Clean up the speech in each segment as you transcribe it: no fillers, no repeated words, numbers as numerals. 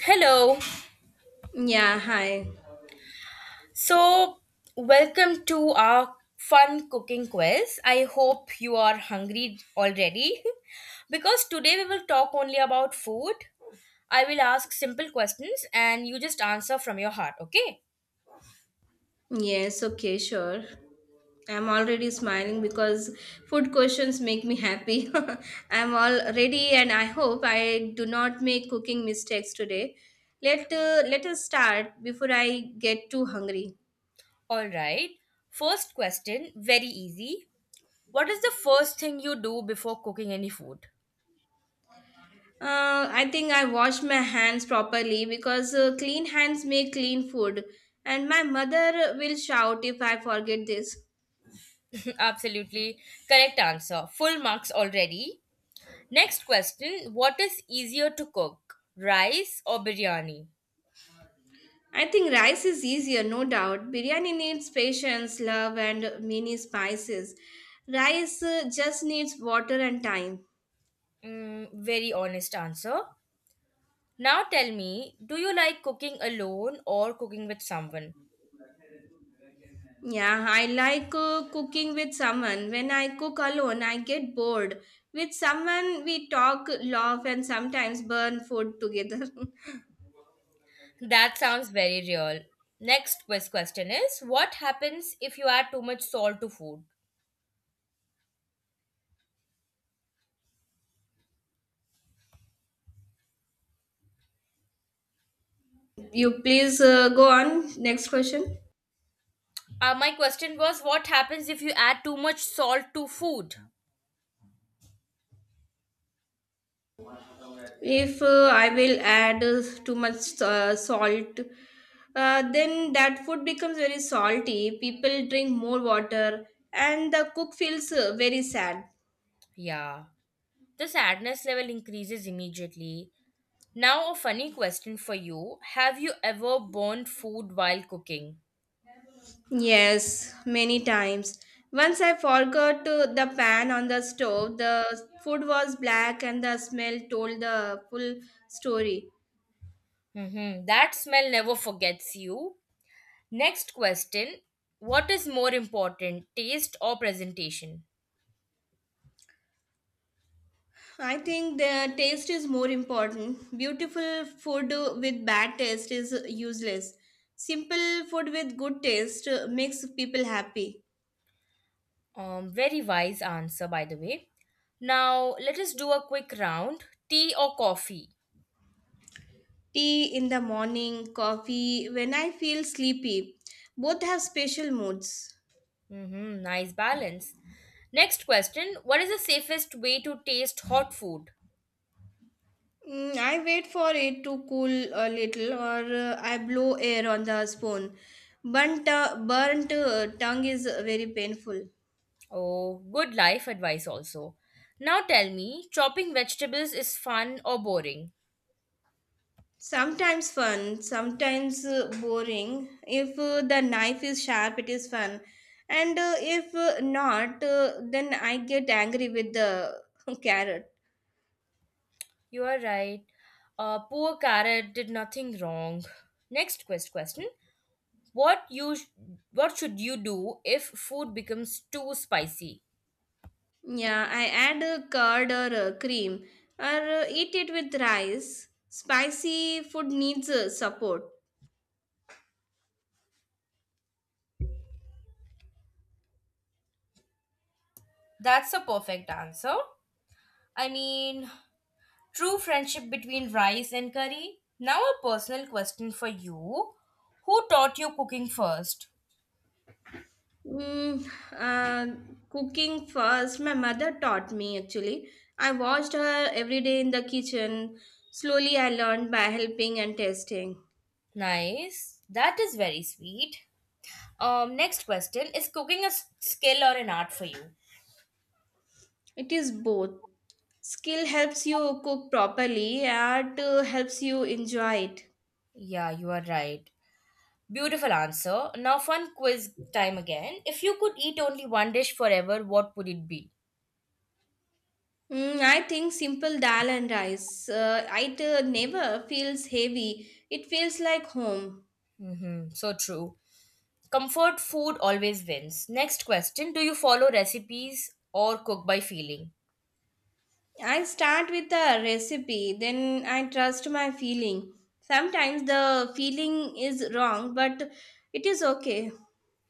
Hello. Yeah, hi. So, Welcome to our fun cooking quiz. I hope you are hungry already because today we will talk only about food. I will ask simple questions and you just answer from your heart, okay? Yes, okay, sure. I'm already smiling because food questions make me happy. I'm all ready and I hope I do not make cooking mistakes today. Let us start before I get too hungry. All right. First question, very easy. What is the first thing you do before cooking any food? I think I wash my hands properly because clean hands make clean food, and my mother will shout if I forget this. Absolutely correct answer. Full marks already. Next question, what is easier to cook? Rice or biryani? I think rice is easier, no doubt. Biryani needs patience, love, and many spices. Rice just needs water and time. Very honest answer. Now tell me, do you like cooking alone or cooking with someone? Yeah, I like cooking with someone. When I cook alone, I get bored. With someone, we talk, laugh, and sometimes burn food together. That sounds very real. Next question is what happens if you add too much salt to food? You please go on. Next question. My question was what happens if you add too much salt to food? If I will add too much salt, then that food becomes very salty. People drink more water, and the cook feels very sad. Yeah. The sadness level increases immediately. Now a funny question for you. Have you ever burned food while cooking? Yes, many times. Once I forgot the pan on the stove. The food was black, and the smell told the full story. Mm-hmm. That smell never forgets you. Next question, what is more important, taste or presentation? I think the taste is more important. Beautiful food with bad taste is useless. Simple food with good taste makes people happy. Very wise answer, by the way. Now, let us do a quick round, tea or coffee? Tea in the morning, coffee when I feel sleepy. Both have special moods. Hmm, nice balance. Next question, what is the safest way to taste hot food? Mm, I wait for it to cool a little or I blow air on the spoon. Burnt tongue is very painful. Oh, good life advice also. Now tell me, chopping vegetables is fun or boring? Sometimes fun, sometimes boring. If the knife is sharp, it is fun. And if not, then I get angry with the carrot. You are right. Poor carrot did nothing wrong. Next question. What you sh- what should you do if food becomes too spicy? Yeah, I add a curd or a cream or eat it with rice. Spicy food needs support. That's a perfect answer. I mean, true friendship between rice and curry. Now, a personal question for you, who taught you cooking first? Mm, uh, Cooking first, my mother taught me actually. I watched her every day in the kitchen. Slowly, I learned by helping and testing. Nice. That is very sweet. Next question, is cooking a skill or an art for you? It is both. Skill helps you cook properly, art helps you enjoy it. Yeah, you are right. Beautiful answer. Now, fun quiz time again. If you could eat only one dish forever, what would it be? Mm, I think simple dal and rice. It never feels heavy. It feels like home. Mm-hmm, so true. Comfort food always wins. Next question, do you follow recipes or cook by feeling? I start with the recipe, then I trust my feeling. Sometimes the feeling is wrong, but it is okay.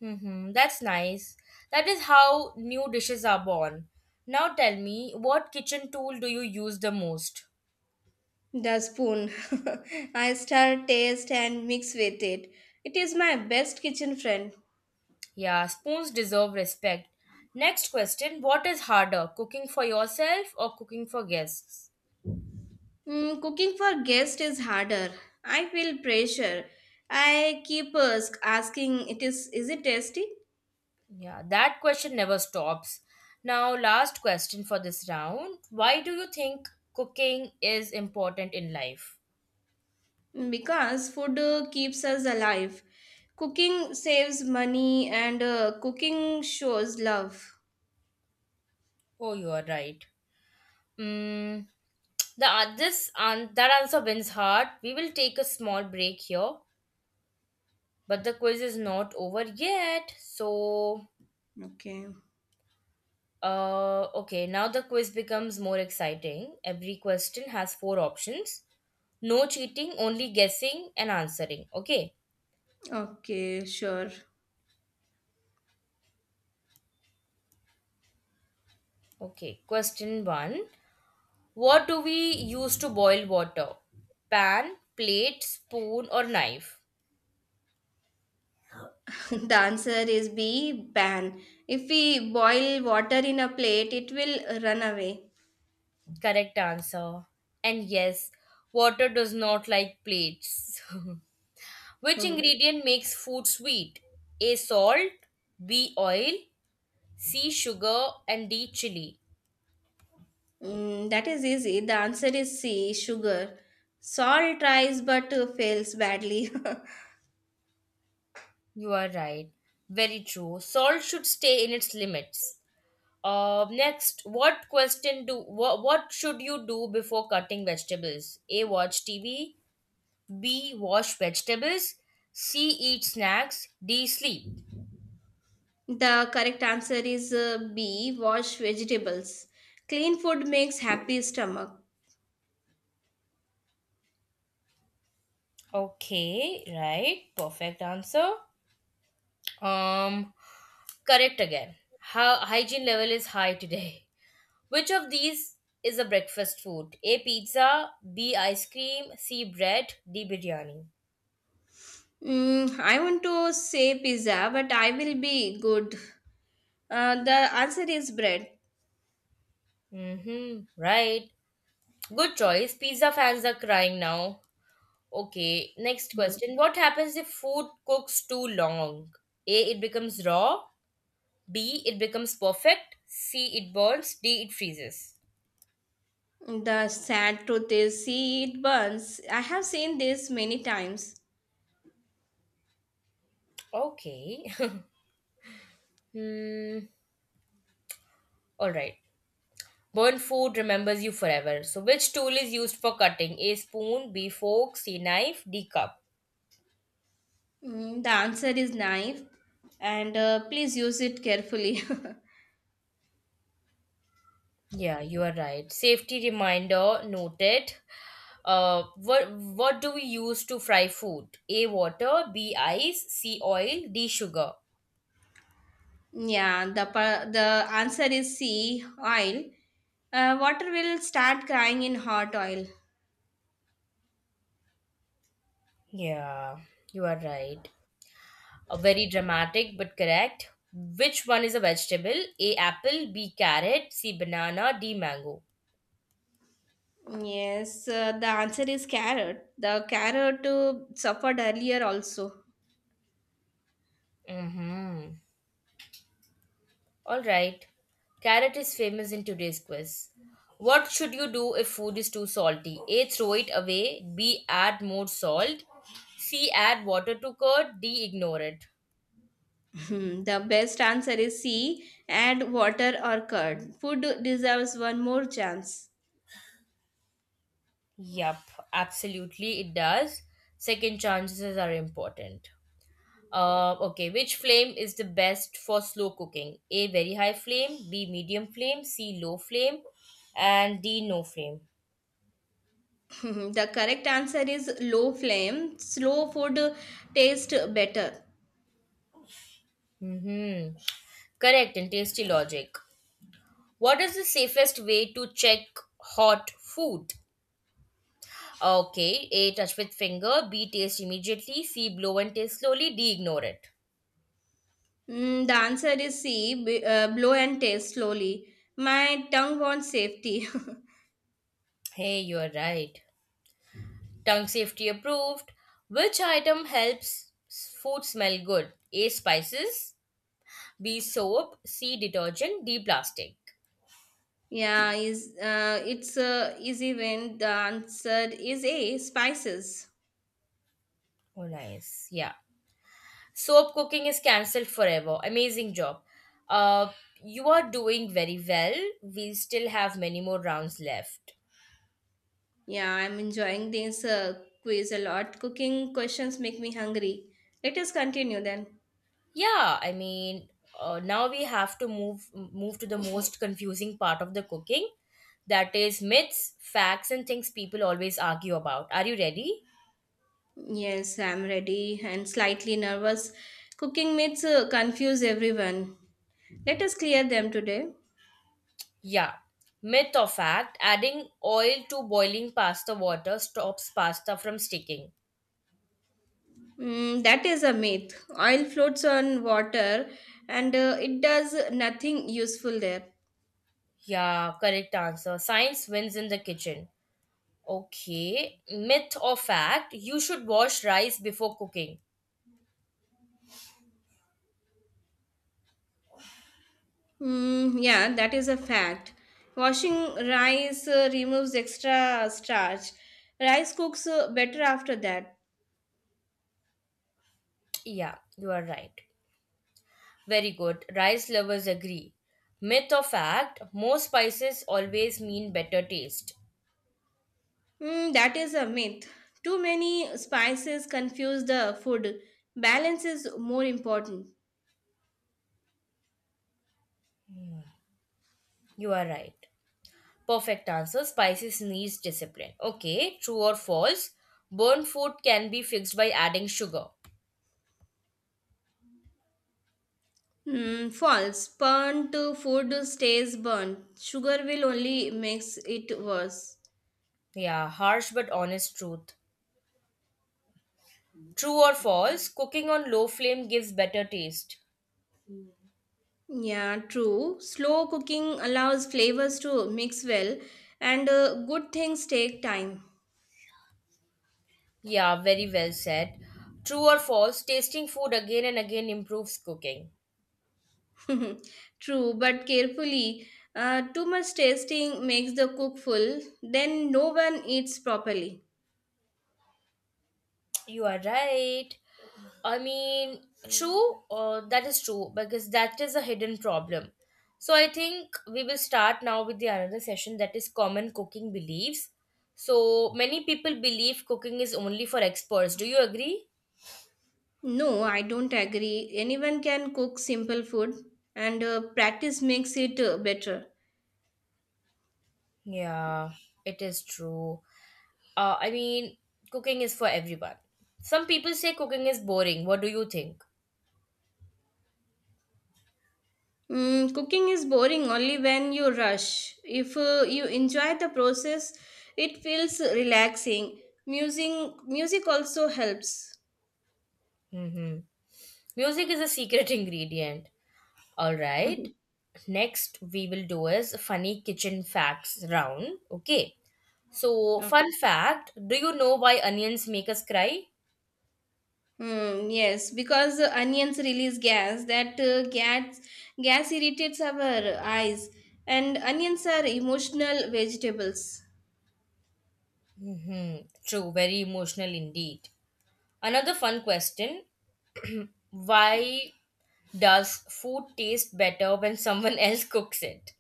Hmm, that's nice. That is how new dishes are born. Now tell me, what kitchen tool do you use the most? The spoon. I stir, taste, and mix with it. It is my best kitchen friend. Yeah, spoons deserve respect. Next question, what is harder, cooking for yourself or cooking for guests? Mm, cooking for guests is harder. I feel pressure. I keep asking, "It is it tasty?" Yeah, that question never stops. Now, last question for this round, why do you think cooking is important in life? Because food keeps us alive. Cooking saves money, and cooking shows love. Oh, you are right. Mm, the this and that answer wins hard. We will take a small break here, but the quiz is not over yet. Okay, Okay, now the quiz becomes more exciting. Every question has four options. No cheating, only guessing and answering. Okay. okay, sure. Okay, question 1. What do we use to boil water? Pan, plate, spoon or knife? The answer is B. Ban. If we boil water in a plate, it will run away. Correct answer. And yes, water does not like plates. Which Hmm. ingredient makes food sweet? A salt, B oil, C sugar, and D chili. Mm, that is easy. The answer is C, sugar. Salt tries but fails badly. You are right. Very true. Salt should stay in its limits. Next, what should you do before cutting vegetables? A watch TV, B wash vegetables, C eat snacks, D sleep. The correct answer is B, wash vegetables. Clean food makes happy stomach. Okay, right. Perfect answer. Um, Correct again. How hygiene level is high today. Which of these is a breakfast food? A pizza, B ice cream, C bread, D biryani. Mm, I want to say pizza, but I will be good. The answer is bread. Mm-hmm. Right. Good choice. Pizza fans are crying now. Okay, next Mhm. question. What happens if food cooks too long? A, it becomes raw, B, it becomes perfect, C, it burns, D, it freezes. The sad truth is, see, it burns. I have seen this many times. Okay. Hmm. All right. Burnt food remembers you forever. So, which tool is used for cutting? A spoon, B fork, C knife, D cup. Mm, the answer is knife, and please use it carefully. Yeah, you are right. Safety reminder noted. What do we use to fry food? A water, B ice, C oil, D sugar. Yeah, the answer is C, oil. Water will start crying in hot oil. Yeah, you are right. A very dramatic but correct. Which one is a vegetable? A apple, B carrot, C banana, D mango. Yes, the answer is carrot. The carrot suffered earlier also. Mm-hmm. All right. Carrot is famous in today's quiz. What should you do if food is too salty? A, throw it away. B, add more salt. C, add water to curd. D, ignore it. Hmm, the best answer is C, add water or curd. Food deserves one more chance. Yup, absolutely, it does. Second chances are important. Okay, which flame is the best for slow cooking? A, very high flame. B, medium flame. C, low flame. And D, no flame. Hmm, the correct answer is low flame. Slow food tastes better. Mm-hmm. Correct and tasty logic. What is the safest way to check hot food? Okay, A, touch with finger. B, taste immediately. C, blow and taste slowly. D, ignore it. Hmm, the answer is C, blow and taste slowly. My tongue wants safety. Hey, you're right. Tongue safety approved. Which item helps food smell good? A, spices. B, soap. C, detergent. D, plastic. Yeah, is it's easy when the answer is A, spices. Oh, nice. Yeah. Soap cooking is cancelled forever. Amazing job. Uh, you are doing very well. We still have many more rounds left. Yeah, I'm enjoying this quiz a lot. Cooking questions make me hungry. Let us continue then. Yeah, I mean, Now we have to move to the most confusing part of the cooking, that is myths, facts, and things people always argue about. Are you ready? Yes, I'm ready and slightly nervous. Cooking myths confuse everyone. Let us clear them today. Yeah. Myth or fact, adding oil to boiling pasta water stops pasta from sticking. Mm, that is a myth. Oil floats on water and it does nothing useful there. Yeah, correct answer. Science wins in the kitchen. Okay. Myth or fact, you should wash rice before cooking. Mm, yeah, that is a fact. Washing rice removes extra starch. Rice cooks better after that. Yeah, you are right. Very good. Rice lovers agree. Myth or fact, more spices always mean better taste. Mm, that is a myth. Too many spices confuse the food. Balance is more important. You are right. Perfect answer. Spices needs discipline. Okay, true or false? Burnt food can be fixed by adding sugar. Mm, false. Burnt food stays burnt. Sugar will only makes it worse. Yeah, harsh but honest truth. True or false? Cooking on low flame gives better taste. Yeah, true. Slow cooking allows flavors to mix well, and good things take time. Yeah, very well said. True or false? Tasting food again and again improves cooking. True, but carefully. Too much tasting makes the cook full, then no one eats properly. You are right. I mean, true, that is true because that is a hidden problem. So I think we will start now with the another session, that is common cooking beliefs. So many people believe cooking is only for experts. Do you agree? No, I don't agree. Anyone can cook simple food, and practice makes it better. Yeah, it is true. I mean, cooking is for everyone. Some people say cooking is boring. What do you think? Mm, cooking is boring only when you rush. If you enjoy the process, it feels relaxing. Music, Music also helps. Mm-hmm. Music is a secret ingredient. All right. Next, we will do is funny kitchen facts round. Okay. So, Okay. fun fact, do you know why onions make us cry? Hmm, yes, because onions release gas that gas gas irritates our eyes, and onions are emotional vegetables. Hmm. True, very emotional indeed. Another fun question, why does food taste better when someone else cooks it?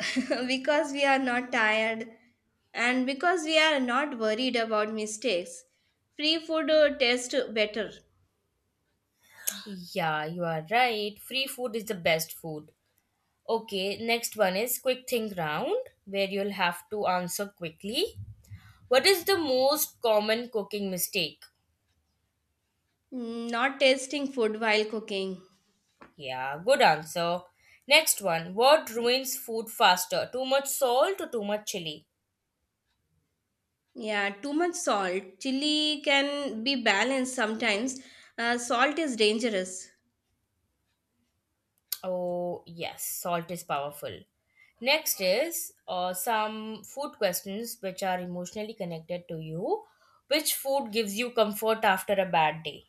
Because we are not tired and because we are not worried about mistakes. Free food tastes better. Yeah, you are right. Free food is the best food. Okay, next one is quick think round where you'll have to answer quickly. What is the most common cooking mistake? Mm, not tasting food while cooking. Yeah, good answer. Next one. What ruins food faster? Too much salt or too much chili? Yeah, too much salt. Chili can be balanced sometimes. Salt is dangerous. Oh, yes, salt is powerful. Next is some food questions which are emotionally connected to you. Which food gives you comfort after a bad day?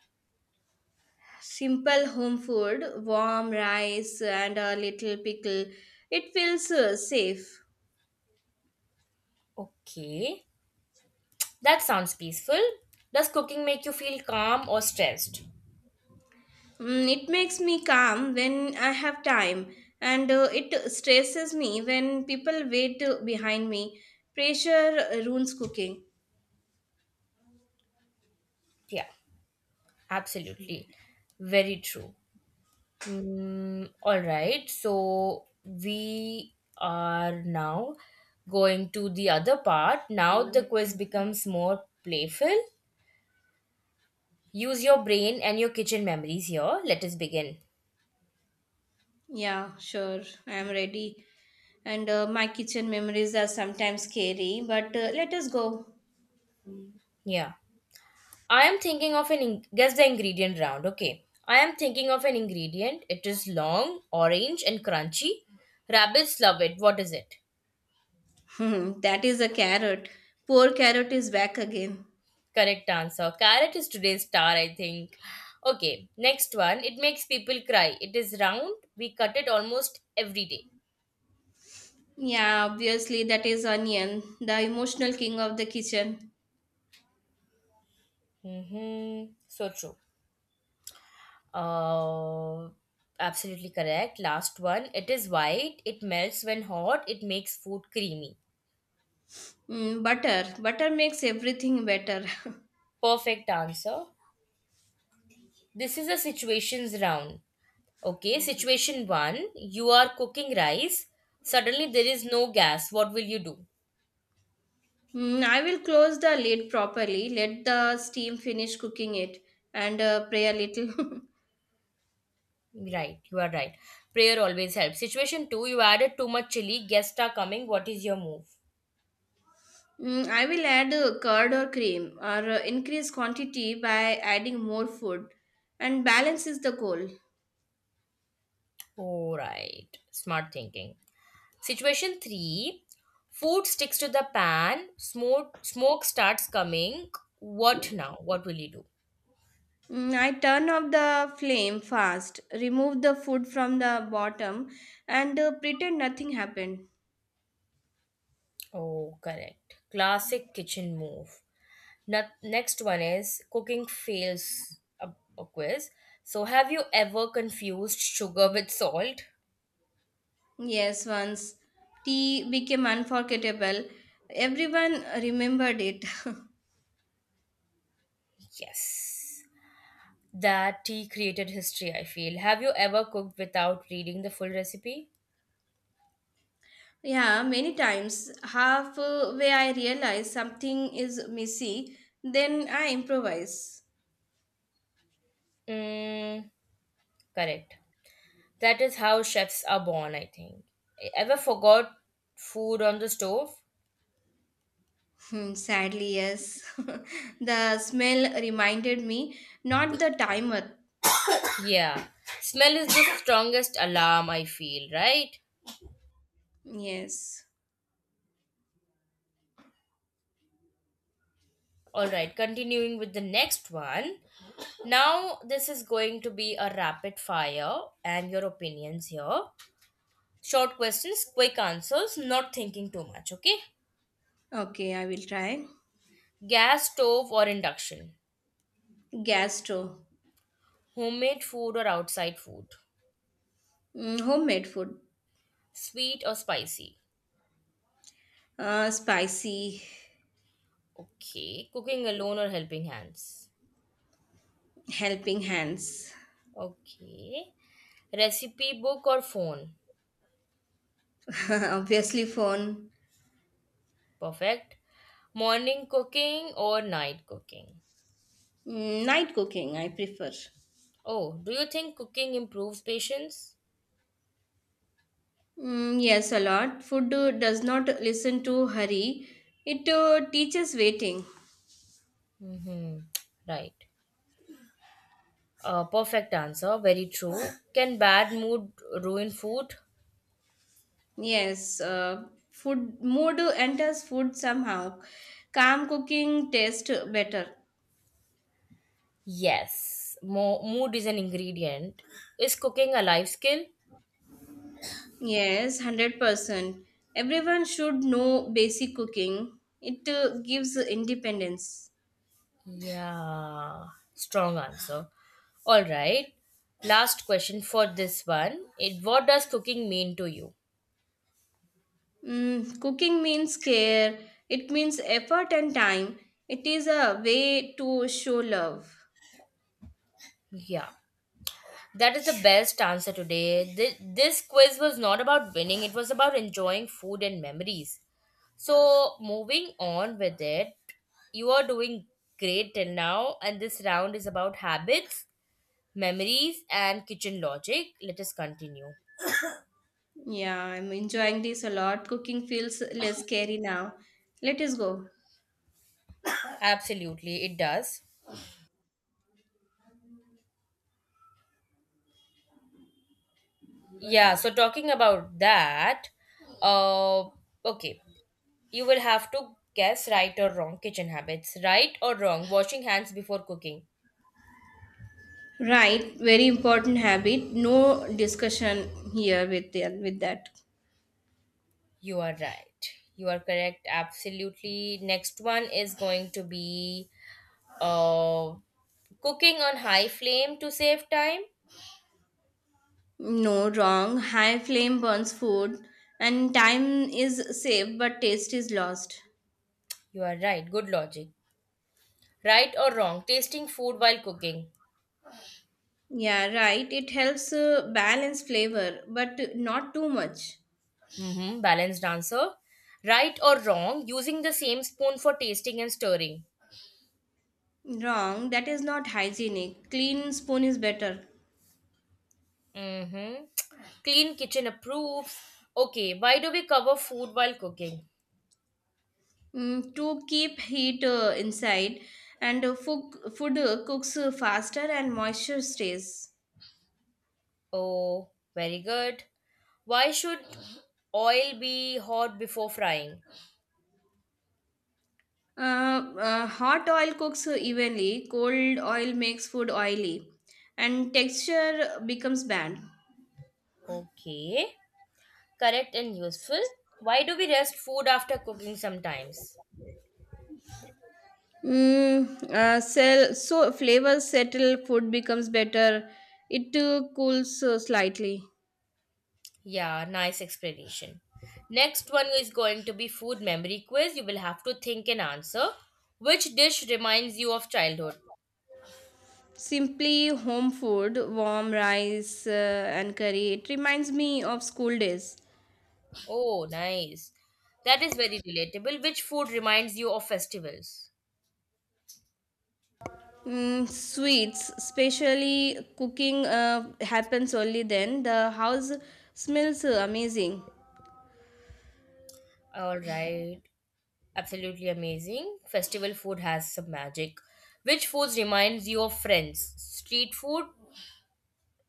Simple home food, warm rice and a little pickle. It feels safe. Okay, that sounds peaceful. Does cooking make you feel calm or stressed? Mm, it makes me calm when I have time, and it stresses me when people wait behind me. Pressure ruins cooking. Yeah, absolutely. Very true. Mm, all right. So we are now going to the other part. Now the quiz becomes more playful. Use your brain and your kitchen memories here. Let us begin. Yeah, sure, I am ready. And my kitchen memories are sometimes scary, but let us go. Yeah. I am thinking of an guess the ingredient round. Okay. I am thinking of an ingredient. It is long, orange, and crunchy. Rabbits love it. What is it? Hmm, that is a carrot. Poor carrot is back again. Correct answer. Carrot is today's star, I think. Okay, next one. It makes people cry. It is round. We cut it almost every day. Yeah, obviously that is onion, the emotional king of the kitchen. Mm-hmm. So true. Uh, Absolutely correct. Last one. It is white. It melts when hot. It makes food creamy. Mm, butter, butter makes everything better. Perfect answer. This is a situations round. Okay, situation one. You are cooking rice. Suddenly there is no gas. What will you do? Mm, I will close the lid properly, let the steam finish cooking it, and pray a little. Right, you are right. Prayer always helps. Situation two, you added too much chili. Guests are coming. What is your move? Mm, I will add curd or cream, or increase quantity by adding more food, and balance is the goal. Oh, right. Smart thinking. Situation three, food sticks to the pan. Smoke starts coming. What now? What will you do? Mm, I turn off the flame fast, remove the food from the bottom, and pretend nothing happened. Oh, correct. Classic kitchen move. Not, Next one is cooking fails a quiz. So, have you ever confused sugar with salt? Yes, once tea became unforgettable. Everyone remembered it. Yes, that tea created history, I feel. Have you ever cooked without reading the full recipe? Yeah, many times. Halfway I realize something is messy, then I improvise. Mm, correct. That is how chefs are born, I think. Ever forgot food on the stove? Hmm, sadly, yes. The smell reminded me, not the timer. Yeah. Smell is the strongest alarm, I feel, right? Yes. Alright, continuing with the next one. Now, this is going to be a rapid fire and your opinions here. Short questions, quick answers, not thinking too much, okay? Okay, I will try. Gas stove or induction? Gas stove. Homemade food or outside food? Mm, homemade food. Sweet or spicy? Spicy. Okay. Cooking alone or helping hands? Helping hands. Okay. Recipe book or phone? Obviously, phone. Perfect. Morning cooking or night cooking? Mm, night cooking, I prefer. Oh, do you think cooking improves patience? Mm, yes, a lot. Food does not listen to hurry. It teaches waiting. Mm-hmm. Right. Perfect answer. Very true. Can bad mood ruin food? Yes, food mood enters food somehow. Calm cooking tastes better. Yes. Mood is an ingredient. Is cooking a life skill? Yes, 100%. Everyone should know basic cooking. It gives independence. Yeah, strong answer. All right. Last question for this one. What does cooking mean to you? Mm, cooking means care. It means effort and time. It is a way to show love. Yeah. That is the best answer today. This quiz was not about winning, it was about enjoying food and memories. So, moving on with it, you are doing great till now, and this round is about habits, memories, and kitchen logic. Let us continue. Yeah, I'm enjoying this a lot. Cooking feels less scary now. Let us go. Absolutely, it does. Yeah, so talking about that, uh, okay, you will have to guess right or wrong kitchen habits. Right or wrong, washing hands before cooking. Right, very important habit. No discussion here with with that. You are right. You are correct. Absolutely. Next one is going to be uh, cooking on high flame to save time. No, wrong. High flame burns food, and time is saved, but taste is lost. You are right. Good logic. Right or wrong, tasting food while cooking. Yeah, right. It helps balance flavor, but not too much. Mm-hmm. Balanced answer. Right or wrong, using the same spoon for tasting and stirring. Wrong. That is not hygienic. Clean spoon is better. Mm-hmm. Clean kitchen approves. Okay, why do we cover food while cooking? Mm, to keep heat inside and food cooks faster and moisture stays. Oh, very good. Why should oil be hot before frying? Hot oil cooks evenly, cold oil makes food oily and texture becomes bad. Okay, correct and useful. Why do we rest food after cooking sometimes? Sell, so flavors settle, food becomes better. It cools slightly. Yeah, nice explanation. Next one is going to be food memory quiz. You will have to think and answer. Which dish reminds you of childhood? Simply home food, warm rice and curry, it reminds me of school days. Oh, nice. That is very relatable. Which food reminds you of festivals? Mm, sweets, especially cooking, happens only then. The house smells amazing. All right. Absolutely amazing. Festival food has some magic. Which foods reminds you of friends? Street food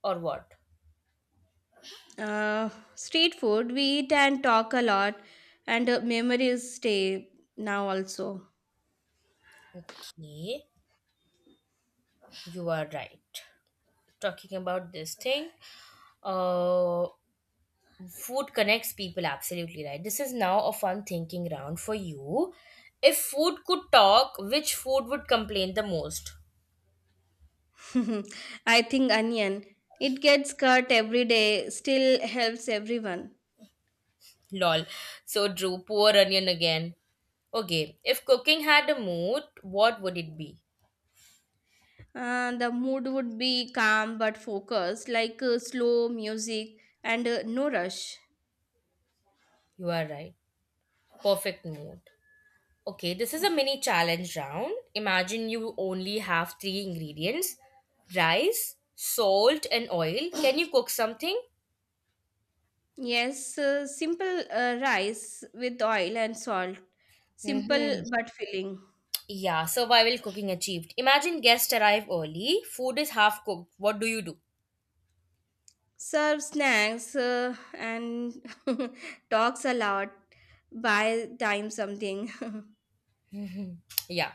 or what? Uh, street food, we eat and talk a lot, and memories stay now also. Okay, you are right. Talking about this thing, uh, food connects people. Absolutely right. This is now a fun thinking round for you. If food could talk, which food would complain the most? I think onion, it gets cut every day, still helps everyone. Lol. So Drew, poor onion again. Okay, if cooking had a mood, what would it be? The mood would be calm but focused, like slow music and no rush. You are right. Perfect mood. Okay, this is a mini challenge round. Imagine you only have three ingredients: rice, salt, and oil. Can you cook something? Yes, simple rice with oil and salt. Simple Mm-hmm. but filling. Yeah, survival cooking achieved. Imagine guests arrive early, food is half cooked. What do you do? Serve snacks and talks a lot. Buy time something. Yeah.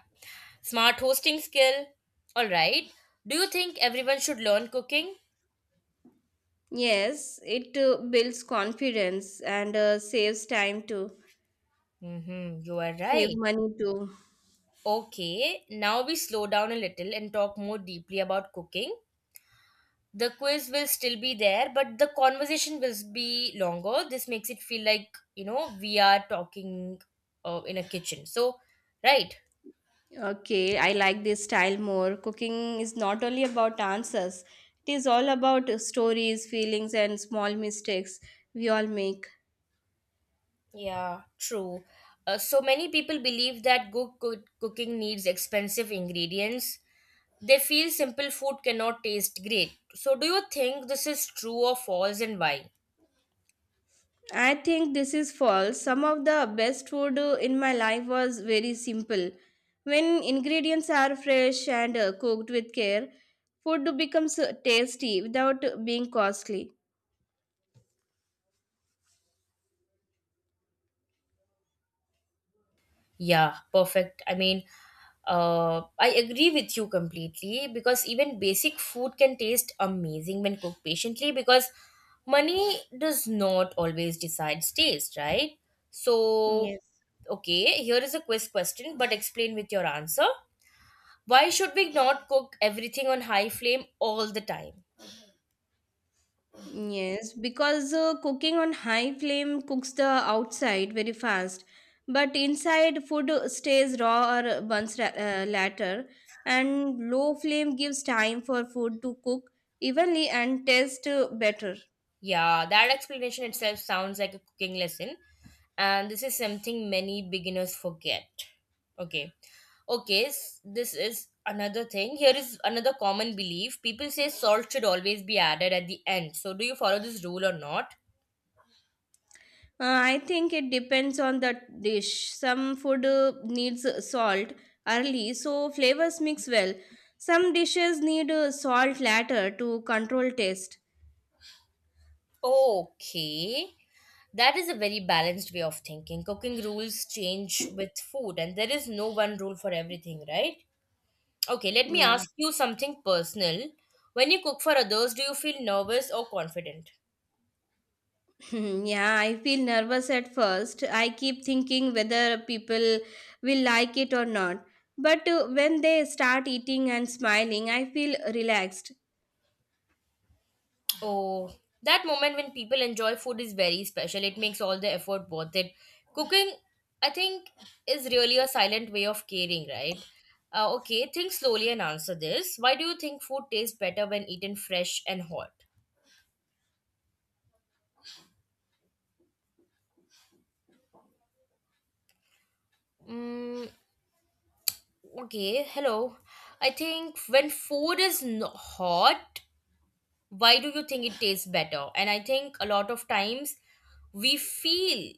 Smart hosting skill. All right. Do you think everyone should learn cooking? Yes, it builds confidence and saves time too. Mm-hmm, you are Save right. money too. Okay, now we slow down a little and talk more deeply about cooking. The quiz will still be there, but the conversation will be longer. This makes it feel like, we are talking in a kitchen. So, right. Okay, I like this style more. Cooking is not only about answers, it is all about stories, feelings, and small mistakes we all make. Yeah, true. So many people believe that cooking needs expensive ingredients. They feel simple food cannot taste great. So, do you think this is true or false, and why? I think this is false. Some of the best food in my life was very simple. When ingredients are fresh and cooked with care, food becomes tasty without being costly. Yeah, perfect. I mean, I agree with you completely, because even basic food can taste amazing when cooked patiently, because money does not always decide taste, right? So, Yes. okay, here is a quiz question, but explain with your answer. Why should we not cook everything on high flame all the time? Yes, because cooking on high flame cooks the outside very fast, but inside food stays raw or burns later, and low flame gives time for food to cook evenly and taste better. Yeah, that explanation itself sounds like a cooking lesson, and this is something many beginners forget. Okay. Okay, this is another thing. Here is another common belief. People say salt should always be added at the end. So, do you follow this rule or not? I think it depends on the dish. Some food needs salt early, so flavors mix well. Some dishes need salt later to control taste. Okay. That is a very balanced way of thinking. Cooking rules change with food, and there is no one rule for everything, right? Okay, let me Yeah. ask you something personal. When you cook for others, do you feel nervous or confident? Yeah, I feel nervous at first. I keep thinking whether people will like it or not. But when they start eating and smiling, I feel relaxed. Oh, that moment when people enjoy food is very special. It makes all the effort worth it. Cooking, I think, is really a silent way of caring, right? Okay, think slowly and answer this. Why do you think food tastes better when eaten fresh and hot? Mm, okay, hello. I think when food is hot, why do you think it tastes better? And I think a lot of times we feel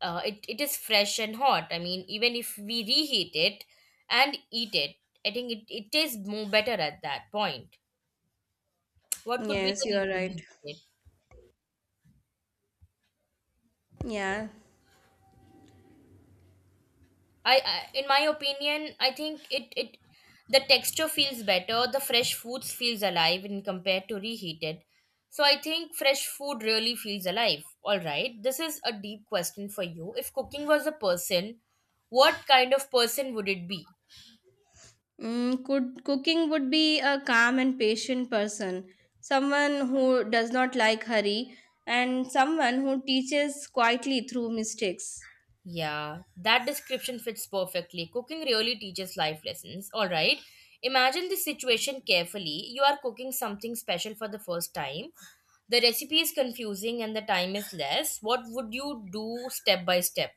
it is fresh and hot. I mean, even if we reheat it and eat it, I think it tastes more better at that point. What could be Yes, the you reason are right. behind it? Yeah. I in my opinion, I think it, the texture feels better. The fresh foods feels alive in compared to reheated. So I think fresh food really feels alive. All right, this is a deep question for you. If cooking was a person, what kind of person would it be? Mm, could cooking would be a calm and patient person, someone who does not like hurry, and someone who teaches quietly through mistakes. Yeah, that description fits perfectly. Cooking really teaches life lessons. All right. Imagine the situation carefully. You are cooking something special for the first time. The recipe is confusing and the time is less. What would you do step by step?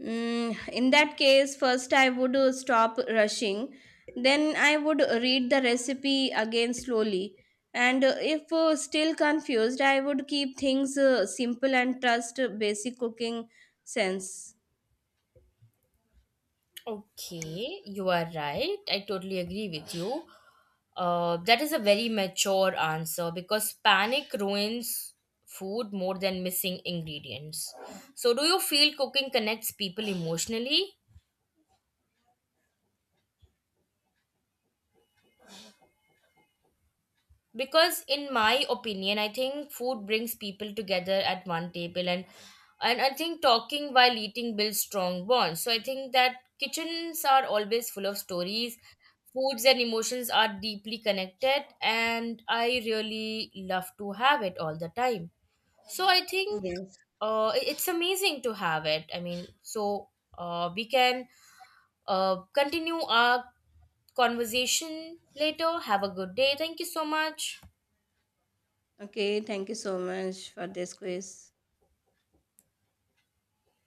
Mm, in that case, first I would stop rushing, then I would read the recipe again slowly, and if still confused, I would keep things simple and trust basic cooking sense. Okay, you are right. I totally agree with you. That is a very mature answer, because panic ruins food more than missing ingredients. So, do you feel cooking connects people emotionally? Because in my opinion I think food brings people together at one table, and I think talking while eating builds strong bonds. So I think that kitchens are always full of stories. Foods and emotions are deeply connected, and I really love to have it all the time. So I think Yes. It's amazing to have it. I mean, so we can continue our conversation later. Have a good day. Thank you so much. Okay, thank you so much for this quiz.